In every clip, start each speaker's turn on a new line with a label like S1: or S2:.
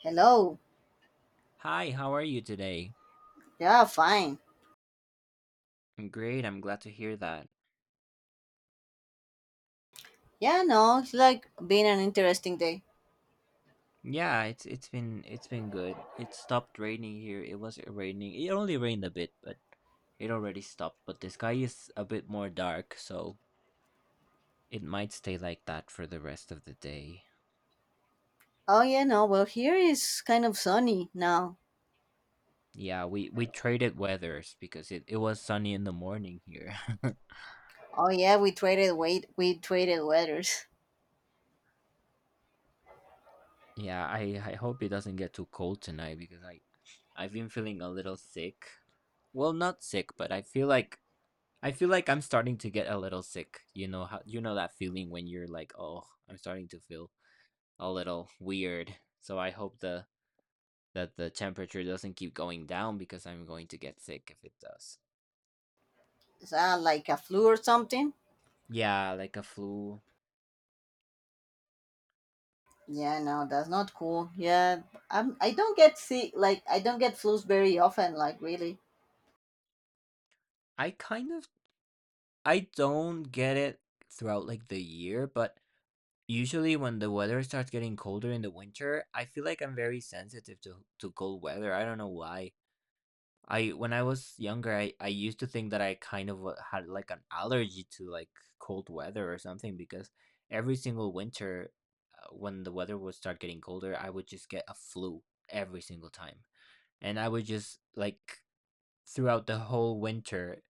S1: Hello.
S2: Hi, how are you today?
S1: Yeah, fine.
S2: I'm great. I'm glad to hear that.
S1: Yeah, no, it's like been an interesting day.
S2: Yeah, it's been good. It stopped raining here. It was raining. It only rained a bit, but it already stopped. But the sky is a bit more dark, so it might stay like that for the rest of the day.
S1: Oh yeah, no, well here is kind of sunny now.
S2: Yeah, we traded weathers because it was sunny in the morning here.
S1: Oh yeah, we traded weight we traded weathers.
S2: Yeah, I hope it doesn't get too cold tonight because I've been feeling a little sick. Well, not sick, but I feel like I'm starting to get a little sick. You know how you know that feeling when you're like, "Oh, I'm starting to feel a little weird." So I hope the that the temperature doesn't keep going down because I'm going to get sick if it does.
S1: Is that like a flu or something?
S2: Yeah, like a flu.
S1: Yeah, no, that's not cool. Yeah, I don't get sick, like I don't get flus very often, like really.
S2: I kind of I don't get it throughout like the year, but usually when the weather starts getting colder in the winter, I feel like I'm very sensitive to cold weather. I don't know why. I when I was younger, I used to think that I kind of had like an allergy to like cold weather or something because every single winter, when the weather would start getting colder, I would just get a flu every single time, and I would just like throughout the whole winter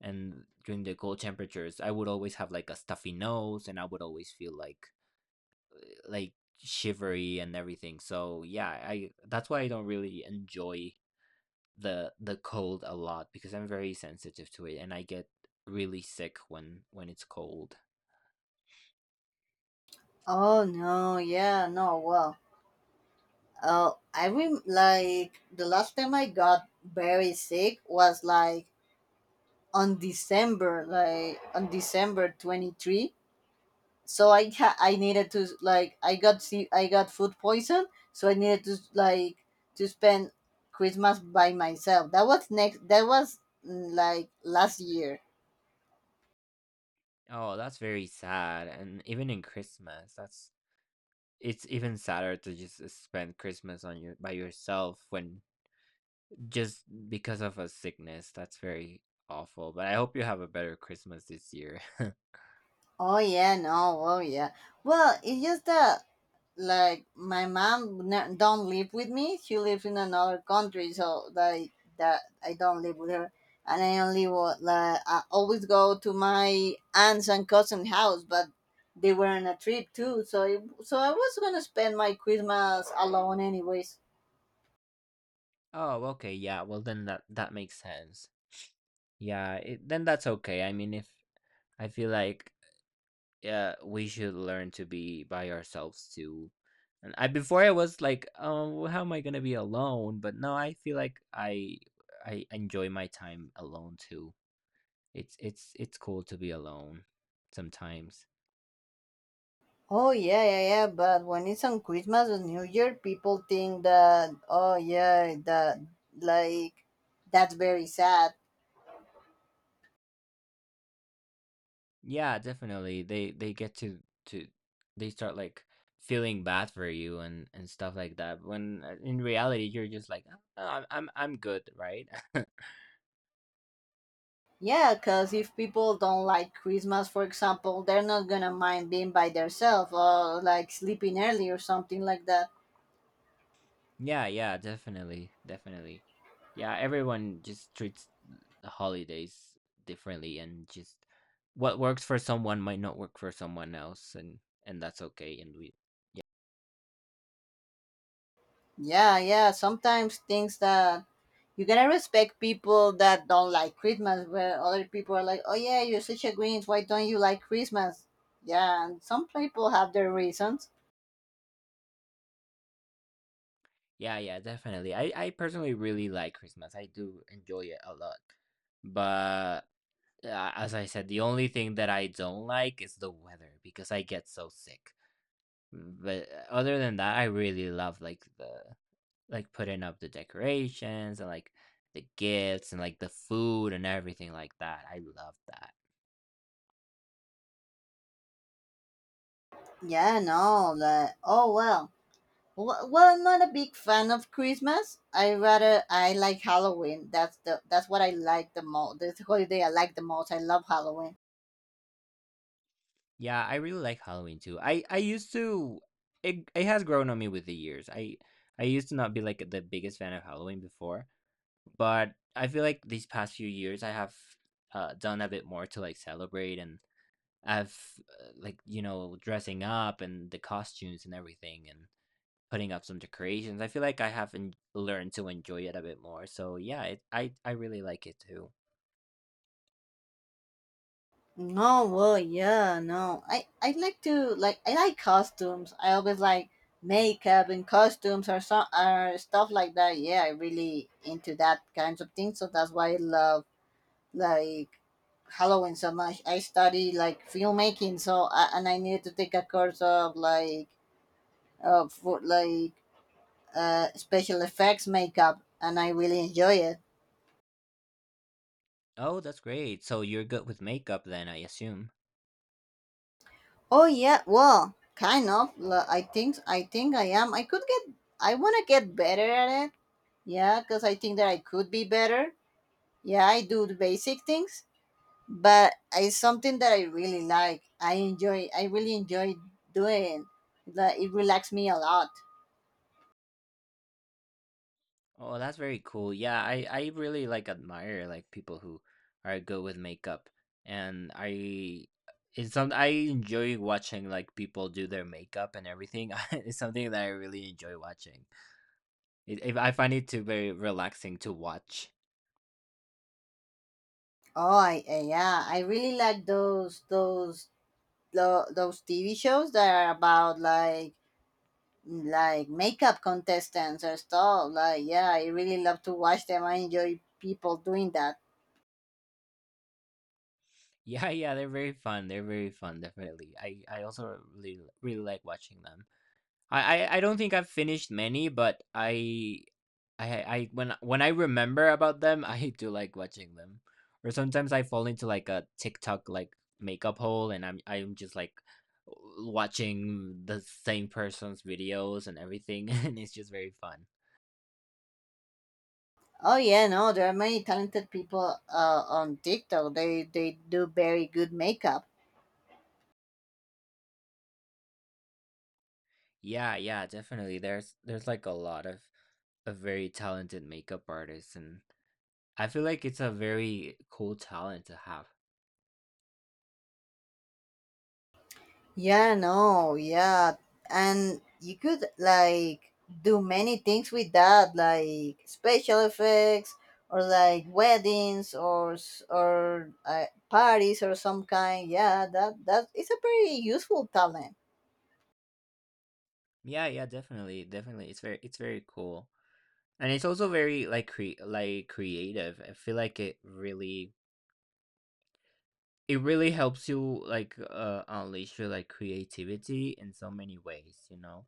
S2: and during the cold temperatures, I would always have like a stuffy nose, and I would always feel like shivery and everything. So yeah, I that's why I don't really enjoy the cold a lot because I'm very sensitive to it and I get really sick when it's cold.
S1: Oh no, yeah, no, well. Oh, I like the last time I got very sick was like on December 23rd. So I I needed to like I got food poison. So I needed to like to spend Christmas by myself. That was next. That was like last year.
S2: Oh, that's very sad. And even in Christmas, that's it's even sadder to just spend Christmas on your by yourself when just because of a sickness. That's very awful. But I hope you have a better Christmas this year.
S1: Oh yeah, no, oh yeah. Well, it's just that like my mom don't live with me, she lives in another country, so like that I don't live with her. And I like I always go to my aunts and cousin house, but they were on a trip too so so I was gonna spend my Christmas alone anyways.
S2: Oh, okay. Yeah. Well, then that makes sense. Yeah, it, then that's okay. I mean, if I feel like yeah, we should learn to be by ourselves too. And I before I was like, oh, how am I gonna be alone? But now I feel like I enjoy my time alone too. It's cool to be alone sometimes.
S1: Oh yeah, yeah, yeah, but when it's on Christmas or New Year people think that, oh yeah, that like that's very sad.
S2: Yeah, definitely. They get to they start like feeling bad for you and stuff like that. When in reality you're just like, oh, no, I'm good, right?
S1: Yeah, because if people don't like Christmas, for example, they're not gonna mind being by themselves or like sleeping early or something like that.
S2: Yeah, yeah, definitely, definitely. Yeah, everyone just treats the holidays differently and just what works for someone might not work for someone else and that's okay and we
S1: Yeah, yeah. Sometimes things that you gotta respect people that don't like Christmas, where other people are like, oh yeah, you're such a Grinch, why don't you like Christmas? Yeah, and some people have their reasons.
S2: yeah, yeah, definitely. I personally really like Christmas. I do enjoy it a lot. But as I said, the only thing that I don't like is the weather because I get so sick. But other than that, I really love like the like putting up the decorations and like the gifts and like the food and everything like that. I love that.
S1: Yeah, no, like, oh well. Well, I'm not a big fan of Christmas. I like Halloween. That's what I like the most. This holiday I like the most. I love Halloween.
S2: Yeah, I really like Halloween too. I used to it it has grown on me with the years. I used to not be like the biggest fan of Halloween before, but I feel like these past few years I have done a bit more to like celebrate and I've like you know dressing up and the costumes and everything and putting up some decorations. I feel like I haven't learned to enjoy it a bit more. So yeah, it, I really like it too.
S1: No, well, yeah, no. I like to like I like costumes. I always like makeup and costumes or so or stuff like that. Yeah, I really into that kinds of things. So that's why I love like Halloween so much. I study like filmmaking, so and I needed to take a course of like for like special effects makeup, and I really enjoy it.
S2: Oh, that's great. So you're good with makeup then, I assume.
S1: Oh yeah, well, kind of. I think I think I am. I could get. I want to get better at it. Yeah, because I think that I could be better. Yeah, I do the basic things, but it's something that I really like. I really enjoy doing. Like it relaxes me a lot.
S2: Oh, that's very cool. Yeah, I really like admire like people who are good with makeup, and I it's something I enjoy watching like people do their makeup and everything. It's something that I really enjoy watching. It, I find it to very relaxing to watch.
S1: Oh, I yeah, I really like those TV shows that are about like makeup contestants or stuff. Like, yeah, I really love to watch them. I enjoy people doing that.
S2: Yeah, yeah, they're very fun. They're very fun, definitely. I also really really like watching them. I don't think I've finished many, but I when I remember about them, I do like watching them. Or sometimes I fall into like a TikTok like makeup hole, and I'm just like watching the same person's videos and everything, and it's just very fun.
S1: Oh yeah, no, there are many talented people on TikTok. They do very good makeup.
S2: Yeah, yeah, definitely. There's like a lot of very talented makeup artists and I feel like it's a very cool talent to have.
S1: Yeah, no, yeah, and you could like do many things with that, like special effects or like weddings or parties or some kind. Yeah, that that is a very useful talent.
S2: Yeah, yeah, definitely, definitely. It's very cool, and it's also very like like creative. I feel like it really helps you like unleash your like creativity in so many ways. You know.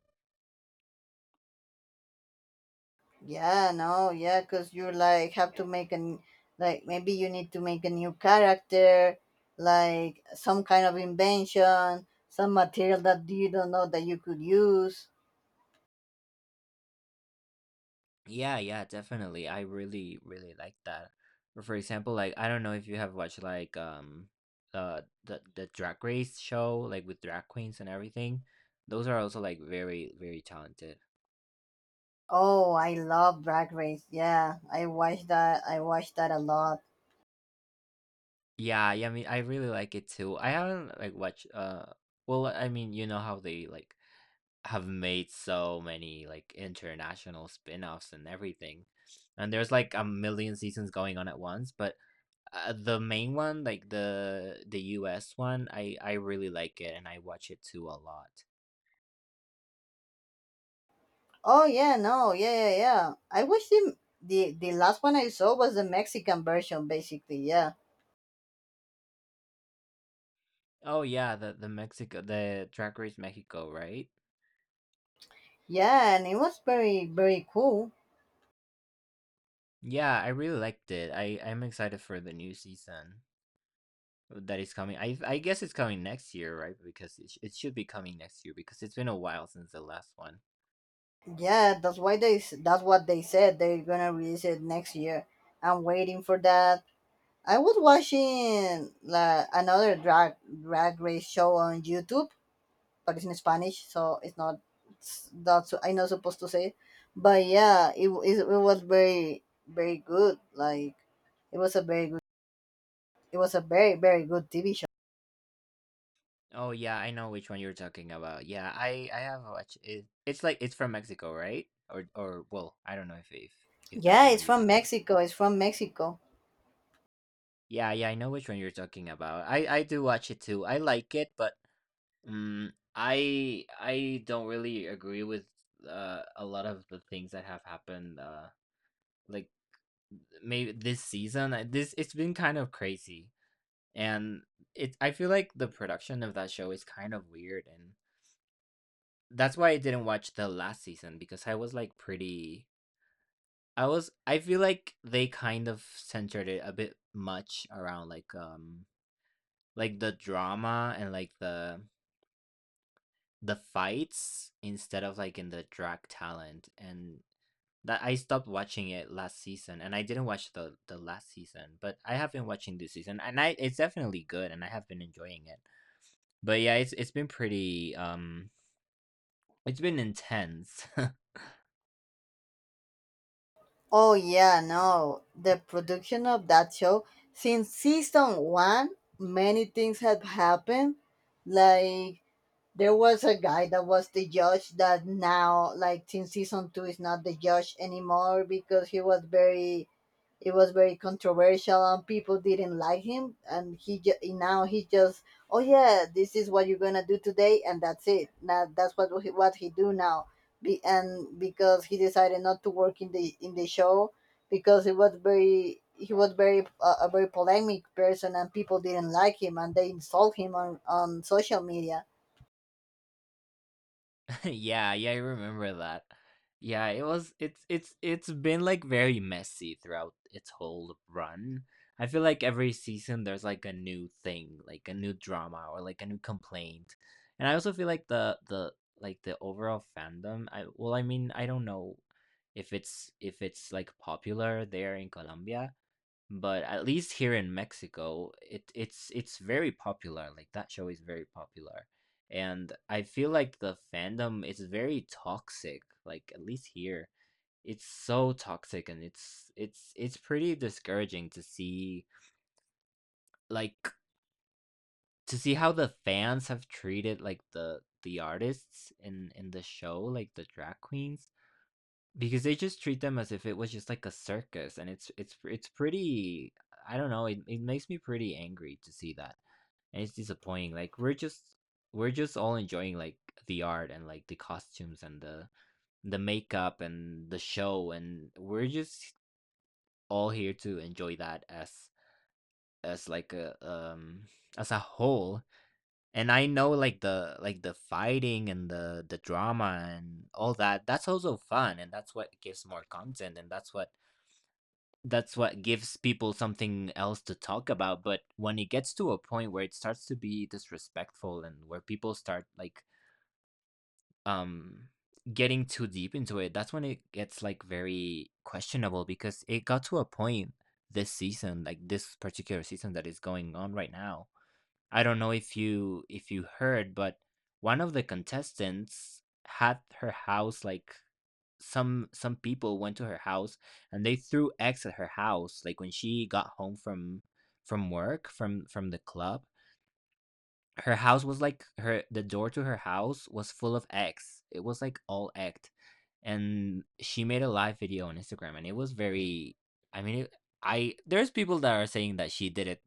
S1: Yeah, no, yeah, because you're like have to make an like maybe you need to make a new character, like some kind of invention, some material that you don't know that you could use.
S2: Yeah, yeah, definitely. I really, really like that. Or for example, like I don't know if you have watched like the Drag Race show like with drag queens and everything. Those are also like very, very talented
S1: Oh, I love Drag Race. Yeah, I watch that. I watch that a lot.
S2: yeah, yeah, I mean, I really like it too. I haven't like watched well, I mean, you know how they like have made so many like international spin-offs and everything. And there's like a million seasons going on at once, but the main one, like the US one, I really like it and I watch it too a lot.
S1: Oh yeah, no, yeah, yeah, yeah. I wish the last one I saw was the Mexican version, basically. Yeah,
S2: Oh yeah, the Mexico the Drag Race Mexico, right?
S1: yeah, and it was very very cool.
S2: Yeah, I really liked it. I I'm excited for the new season that is coming. I guess it's coming next year, right? Because it, it should be coming next year because it's been a while since the last one.
S1: Yeah, that's why they that's what they said they're gonna release it next year. I'm waiting for that. I was watching la another drag race show on YouTube, but it's in Spanish, so it's not I'm not supposed to say it. But yeah, it it was very very good. Like it was a very good it was a very very good TV show.
S2: Oh yeah, I know which one you're talking about. Yeah, I have watched it. It's like it's from Mexico, right? Or well, I don't know if if that's
S1: Yeah,
S2: the
S1: it's
S2: one you're
S1: from
S2: talking about.
S1: Mexico. It's from Mexico.
S2: Yeah, yeah, I know which one you're talking about. I do watch it too. I like it, but mm I don't really agree with a lot of the things that have happened like maybe this season. This it's been kind of crazy and it I feel like the production of that show is kind of weird and that's why I didn't watch the last season because I was like pretty I was I feel like they kind of centered it a bit much around like the drama and like the fights instead of like in the drag talent and that I stopped watching it last season and I didn't watch the last season, but I have been watching this season and I it's definitely good and I have been enjoying it. But yeah, it's been pretty it's been intense.
S1: Oh yeah, no. The production of that show since season one, many things had happened. Like there was a guy that was the judge that now, like since season two, is not the judge anymore because he was very it was very controversial, and people didn't like him. And he now he just, oh yeah, this is what you're gonna do today, and that's it. Now that's what what he do now. And because he decided not to work in the show because it was very he was very a very polemic person and people didn't like him and they insult him on social media.
S2: Yeah, yeah, I remember that. Yeah, it was it's been like very messy throughout its whole run. I feel like every season there's like a new thing, like a new drama or like a new complaint. And I also feel like the like the overall fandom, I well I mean, I don't know if it's like popular there in Colombia, but at least here in Mexico, it's very popular. Like that show is very popular, and I feel like the fandom is very toxic. Like at least here, it's so toxic, and it's pretty discouraging to see like to see how the fans have treated like the artists in the show, like the drag queens because they just treat them as if it was just like a circus, and it's pretty. I don't know. It makes me pretty angry to see that, and it's disappointing. Like we're just all enjoying like the art and like the costumes and the makeup and the show, and we're just all here to enjoy that as like a as a whole. And I know like the fighting and the drama and all that. That's also fun, and that's what gives more content, and that's what that's what gives people something else to talk about, but when it gets to a point where it starts to be disrespectful and where people start like um getting too deep into it, that's when it gets like very questionable because it got to a point this season, like this particular season that is going on right now. I don't know if you heard, but one of the contestants had her house like some people went to her house, and they threw eggs at her house like when she got home from work from the club. Her house was like her, the door to her house was full of eggs. It was like all egged, and she made a live video on Instagram, and it was very, i mean it, I there's people that are saying that she did it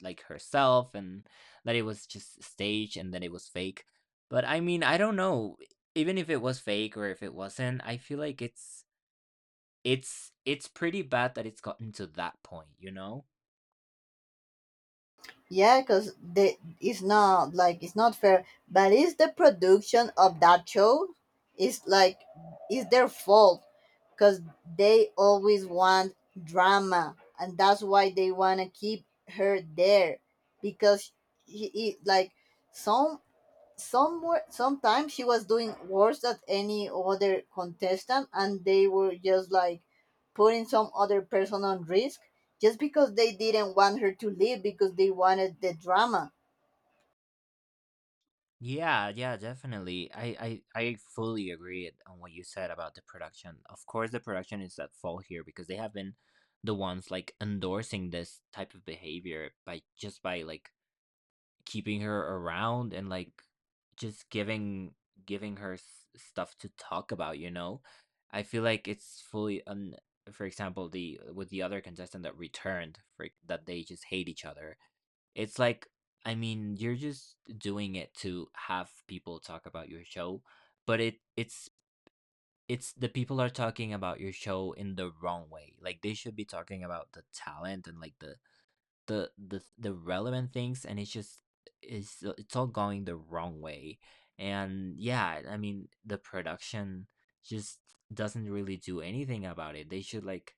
S2: like herself, and that it was just staged and that it was fake. But I don't know, even if it was fake or if it wasn't, I feel like it's pretty bad that it's gotten to that point, you know?
S1: Yeah, because it's not like it's not fair, but it's the production of that show. It's like it's their fault because they always want drama, and that's why they wanna keep her there because he like some somewhere sometimes she was doing worse than any other contestant and they were just like putting some other person on risk just because they didn't want her to leave because they wanted the drama.
S2: Yeah, yeah, definitely. I fully agree on what you said about the production. Of course, the production is at fault here because they have been the ones like endorsing this type of behavior by just by like keeping her around, and like just giving her stuff to talk about, you know? I feel like it's fully un, for example, the with the other contestant that returned, for that they just hate each other. It's like, I mean, you're just doing it to have people talk about your show, but it's it's the people are talking about your show in the wrong way. Like, they should be talking about the talent and like the the relevant things, and it's just it's all going the wrong way. And yeah, I mean, the production just doesn't really do anything about it. They should like,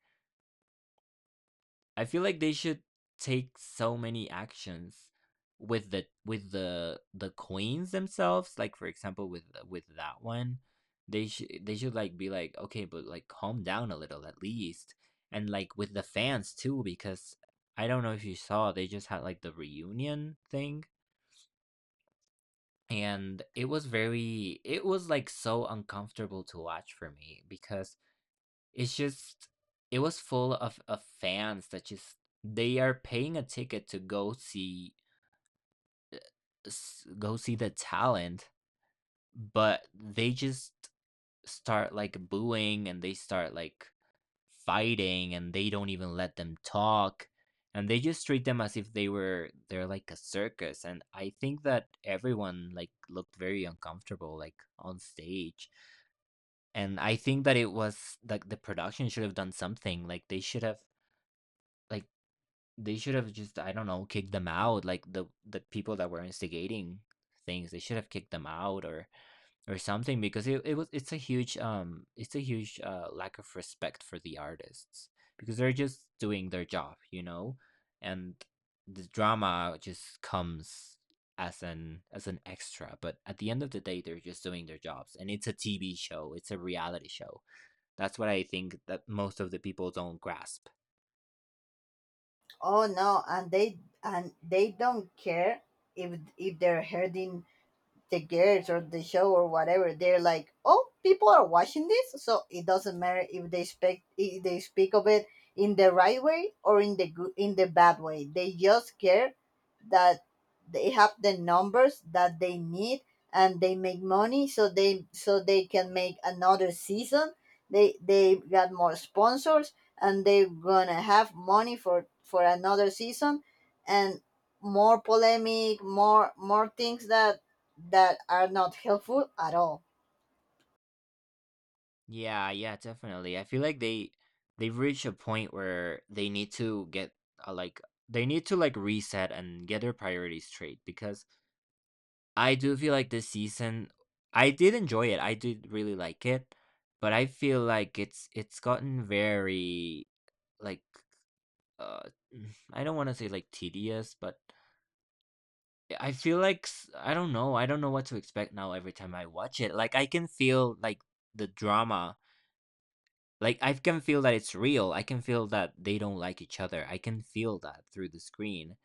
S2: I feel like they should take so many actions with the with the queens themselves. Like for example, with that one, they should like be like, okay, but like calm down a little at least, and like with the fans too, because I don't know if you saw, they just had like the reunion thing. And it was very, it was like so uncomfortable to watch for me because it's just it was full of fans that just they are paying a ticket to go see, go see the talent, but they just start like booing, and they start like fighting, and they don't even let them talk, and they just treat them as if they're like a circus. And I think that everyone like looked very uncomfortable, like on stage, and I think that it was like the production should have done something, like they should have like, they should have just, I don't know, kicked them out. Like the people that were instigating things, they should have kicked them out, or something, because it was it's a huge lack of respect for the artists, because they're just doing their job, you know, and the drama just comes as an extra. But at the end of the day, they're just doing their jobs, and it's a TV show, it's a reality show. That's what I think that most of the people don't grasp.
S1: Oh no, and they don't care if they're hurting the girls or the show or whatever. They're like, oh, people are watching this, so it doesn't matter if they speak, if they speak of it in the right way or in the good in the bad way. They just care that they have the numbers that they need and they make money, so they can make another season. They got more sponsors, and they're gonna have money for another season, and more polemic, more more things that that are not helpful at all.
S2: Yeah, yeah, definitely. I feel like they, they've reached a point where they need to get like they need to like reset and get their priorities straight, because I do feel like this season, I did enjoy it. I did really like it, but I feel like it's gotten very like uh mm, I don't want to say like tedious, but I feel like I don't know. I don't know what to expect now every time I watch it. Like I can feel like the drama. Like, I can feel that it's real. I can feel that they don't like each other. I can feel that through the screen.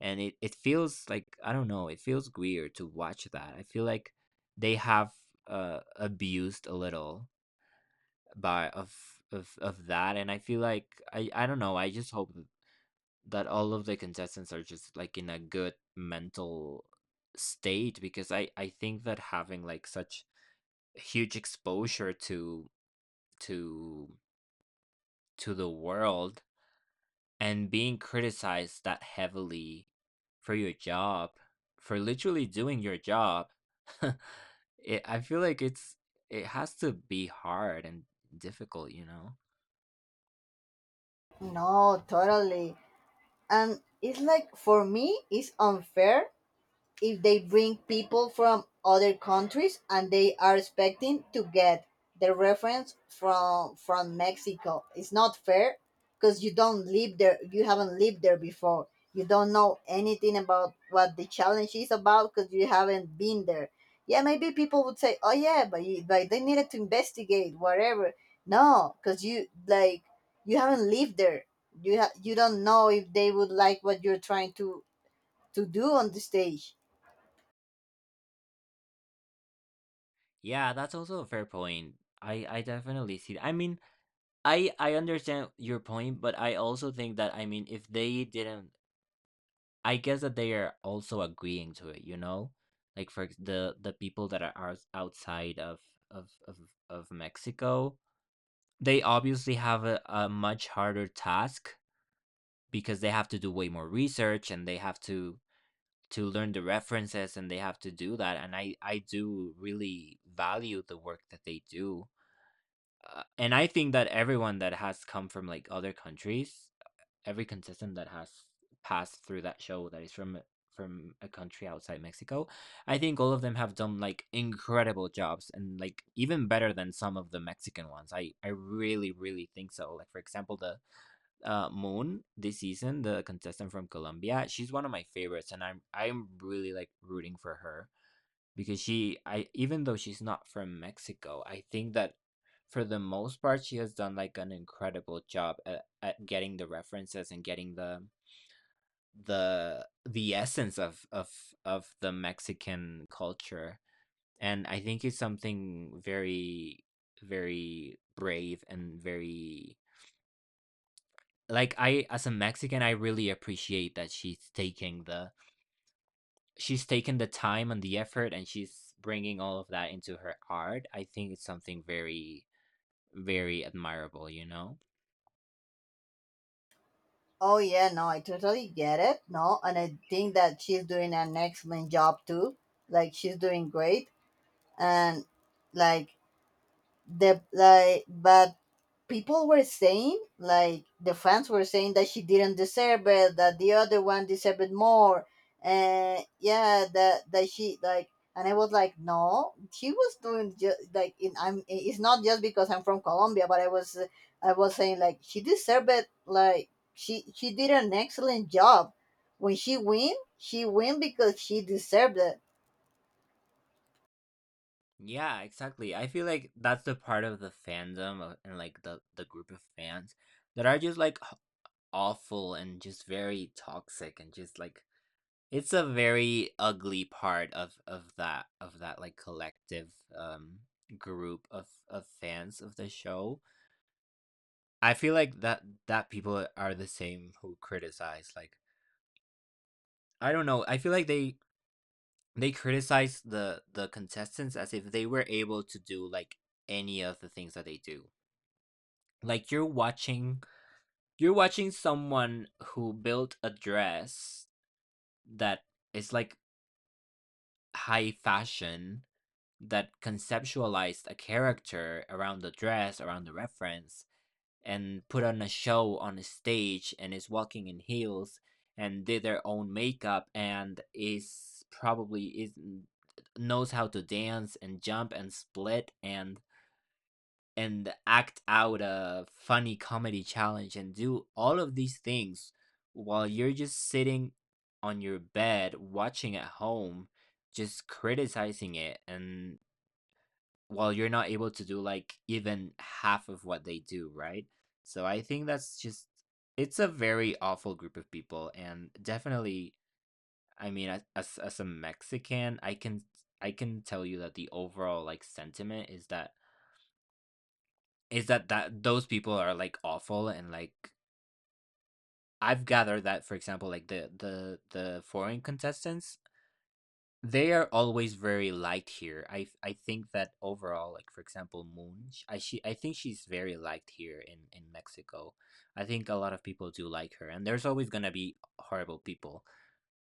S2: And it feels like, I don't know, it feels weird to watch that. I feel like they have abused a little by of that. And I feel like, I don't know, I just hope that all of the contestants are just like in a good mental state, because I think that having like such huge exposure to to to the world, and being criticized that heavily for your job, for literally doing your job, I feel like it's it has to be hard and difficult, you know?
S1: No, totally. And it's like for me, it's unfair if they bring people from other countries and they are expecting to get the reference from Mexico. It's not fair because you don't live there. You haven't lived there before. You don't know anything about what the challenge is about because you haven't been there. Yeah, maybe people would say, "Oh yeah, but you, but they needed to investigate whatever." No, because you like you haven't lived there. You you don't know if they would like what you're trying to do on the stage.
S2: Yeah, that's also a fair point. I definitely see that. I mean, I understand your point, but I also think that, I mean, if they didn't, I guess that they are also agreeing to it, you know? Like the people that are outside of, of, of, of Mexico, they obviously have a much harder task, because they have to do way more research, and they have to learn the references, and they have to do that. And I do really value the work that they do. And I think that everyone that has come from like other countries, every contestant that has passed through that show that is from a country outside Mexico, I think all of them have done like incredible jobs and like even better than some of the Mexican ones. I really really think so. Like for example, the Moon this season, the contestant from Colombia, she's one of my favorites, and I'm really like rooting for her, because she I even though she's not from Mexico, I think that for the most part she has done like an incredible job at getting the references and getting the the essence of of the Mexican culture. And I think it's something very, very brave and very, like, I as a Mexican, I really appreciate that she's taken the time and the effort, and she's bringing all of that into her art. I think it's something very, very admirable, you know.
S1: Oh yeah, no, I totally get it. No, and I think that she's doing an excellent job too. Like she's doing great, and like the like, but people were saying, like the fans were saying that she didn't deserve it, that the other one deserved it more, and yeah, and I was like, no, she was doing just like in, I'm. It's not just because I'm from Colombia, but I was saying like she deserved it. Like she did an excellent job. When she win because she deserved it.
S2: Yeah, exactly. I feel like that's the part of the fandom and like the group of fans that are just like awful and just very toxic and just like, it's a very ugly part of that of that like collective group of fans of the show. I feel like that people are the same who criticize, like, I don't know. I feel like they criticize the contestants as if they were able to do like any of the things that they do. Like you're watching, you're watching someone who built a dress that is like high fashion, that conceptualized a character around the dress, around the reference, and put on a show on a stage, and is walking in heels, and did their own makeup, and is probably is knows how to dance and jump and split and act out a funny comedy challenge, and do all of these things while you're just sitting on your bed watching at home, just criticizing it. And well, you're not able to do like even half of what they do, right? So I think that's just, it's a very awful group of people. And definitely, I mean as a Mexican, I can, I can tell you that the overall like sentiment is that, that those people are like awful, and like I've gathered that, for example, like the the foreign contestants, they are always very light here. I think that overall, like for example, Moon, I she, I think she's very liked here in Mexico. I think a lot of people do like her, and there's always gonna be horrible people,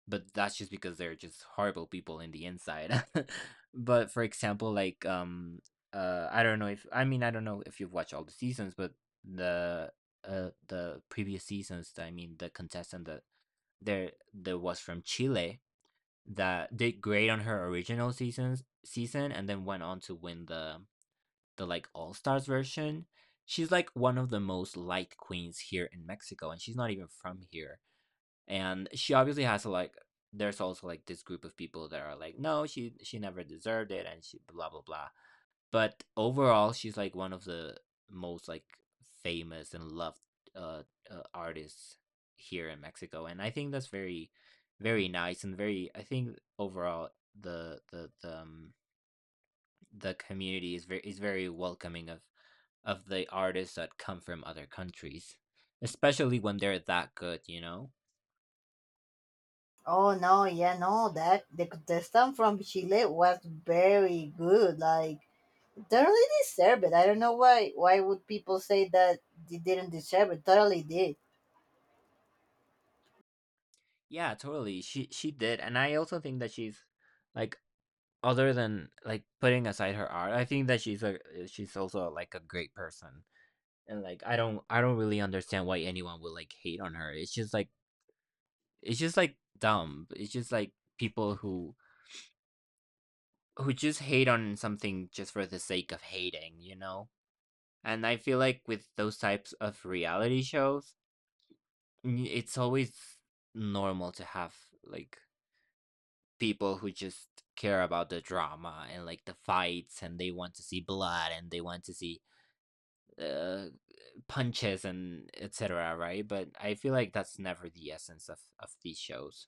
S2: but that's just because they're just horrible people in the inside. But for example, like I don't know if, I mean I don't know if you've watched all the seasons, but the the previous seasons, I mean the contestant that there there was from Chile, that did great on her original season, and then went on to win the like all-stars version. She's like one of the most liked queens here in Mexico, and she's not even from here. And she obviously has a, like, there's also like this group of people that are like no, she never deserved it, and she blah blah blah. But overall, she's like one of the most like famous and loved uh, artists here in Mexico, and I think that's very, very nice and very. I think overall the the the community is very, is very welcoming of the artists that come from other countries, especially when they're that good, you know.
S1: Oh no, yeah, no, that the contestant from Chile was very good. Like totally deserve it. I don't know why. Why would people say that they didn't deserve it? Totally did.
S2: Yeah, totally. She did, and I also think that she's like, other than, like, putting aside her art, I think that she's a eh, she's also, like, a great person, and, like, I don't really understand why anyone would, like, hate on her. It's just, like, it's just, like, dumb. It's just, like, people who just hate on something just for the sake of hating, you know? And I feel like with those types of reality shows, n it's always normal to have, like, people who just care about the drama and, like, the fights, and they want to see blood, and they want to see uh, punches and etc. Right, but I feel like that's never the essence of these shows.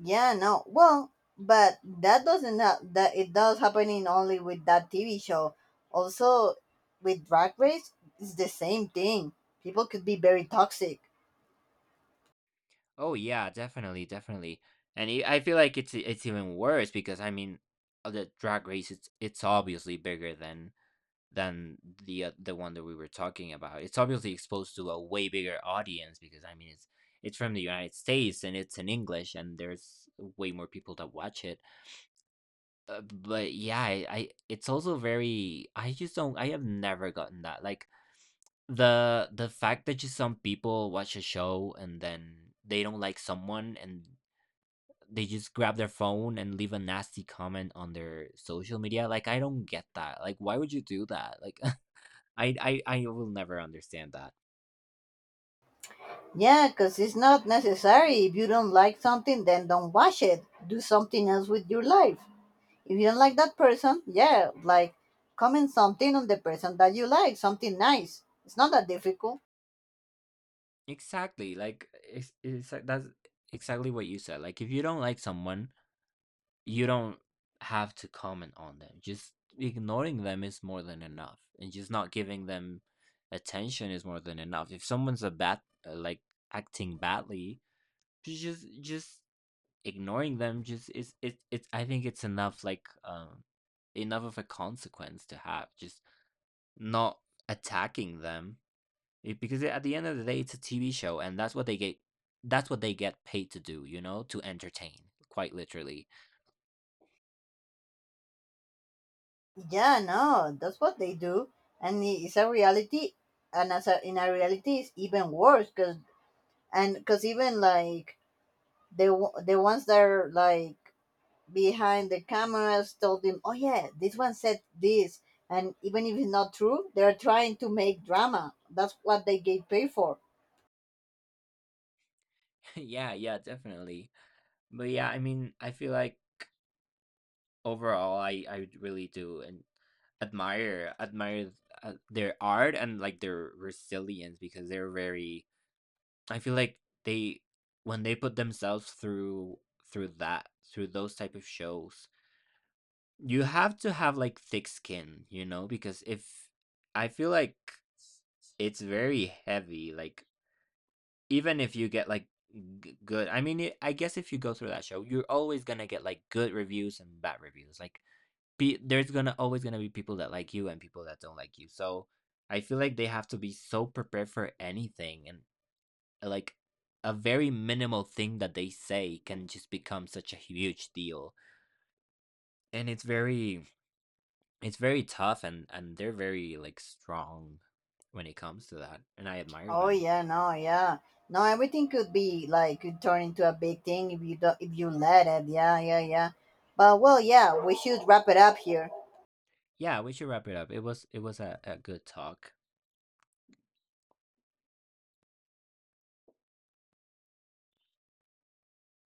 S1: Yeah, no. Well, but that doesn't ha- that it does happening only with that TV show. Also, with Drag Race, it's the same thing. People could be very toxic.
S2: Oh yeah, definitely, definitely. And I feel like it's even worse because I mean, the drag race, it's obviously bigger than than the one that we were talking about. It's obviously exposed to a way bigger audience because I mean it's from the United States, and it's in English, and there's way more people that watch it. But yeah, I it's also very I just don't I have never gotten that, like the fact that just some people watch a show and then they don't like someone, and they just grab their phone and leave a nasty comment on their social media. Like I don't get that, like why would you do that, like I will never understand that.
S1: Yeah, because it's not necessary. If you don't like something, then don't watch it. Do something else with your life. If you don't like that person, yeah, like comment something on the person that you like, something nice. It's not that difficult.
S2: Exactly. Like it's like- that's exactly what you said. Like if you don't like someone, you don't have to comment on them. Just ignoring them is more than enough, and just not giving them attention is more than enough. If someone's a bad like acting badly, just ignoring them just is it's, I think it's enough, like enough of a consequence to have just not attacking them. Because at the end of the day, it's a TV show, and that's what they get. That's what they get paid to do, you know, to entertain, quite literally.
S1: Yeah, no, that's what they do, and it's a reality, and in a reality, it's even worse because and because even like the ones that are like behind the cameras told them, oh yeah, this one said this, and even if it's not true, they're trying to make drama. That's what they get paid for.
S2: Yeah, yeah, definitely. But yeah, I mean, I feel like overall, I really do and admire, their art and like their resilience, because they're very, I feel like they when they put themselves through through that through those type of shows, you have to have like thick skin, you know, because if, I feel like it's very heavy, like even if you get like good, I mean, I guess if you go through that show, you're always gonna get like good reviews and bad reviews. Like, there's gonna always gonna be people that like you and people that don't like you. So I feel like they have to be so prepared for anything, and like a very minimal thing that they say can just become such a huge deal. And it's very tough, and they're very, like, strong when it comes to that, and I admire
S1: Oh
S2: them.
S1: yeah, no, yeah, no, everything could be like could turn into a big thing if you do, if you let it. Yeah, yeah, yeah. But well, yeah, we should wrap it up here.
S2: Yeah, we should wrap it up. It was a good talk.